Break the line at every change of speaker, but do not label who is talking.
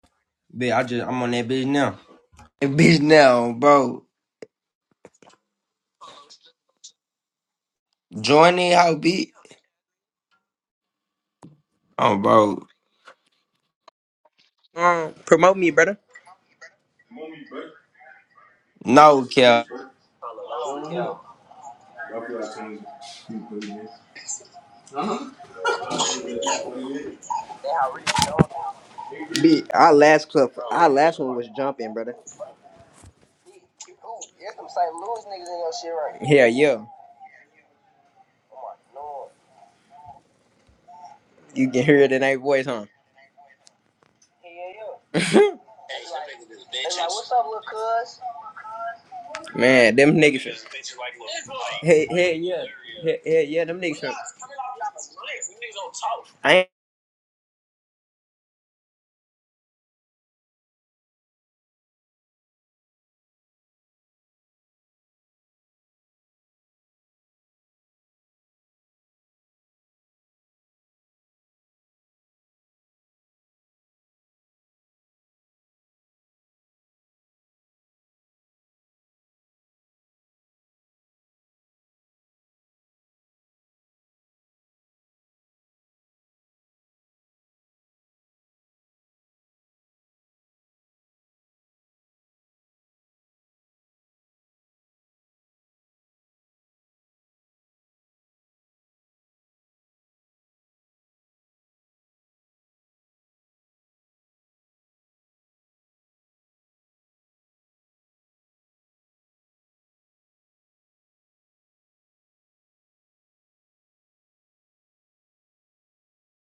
Bitch, I just I'm on that bitch now. That bitch now, bro. Join in how beat. Oh, bro.
Um, promote me, brother.
No, Kel.
Be our last clip, our last one was jumping, brother. Hell yeah. You can hear it in their voice, huh? Man, them niggas. Hey, hey, yeah. Hey, hey, yeah, them niggas. I ain't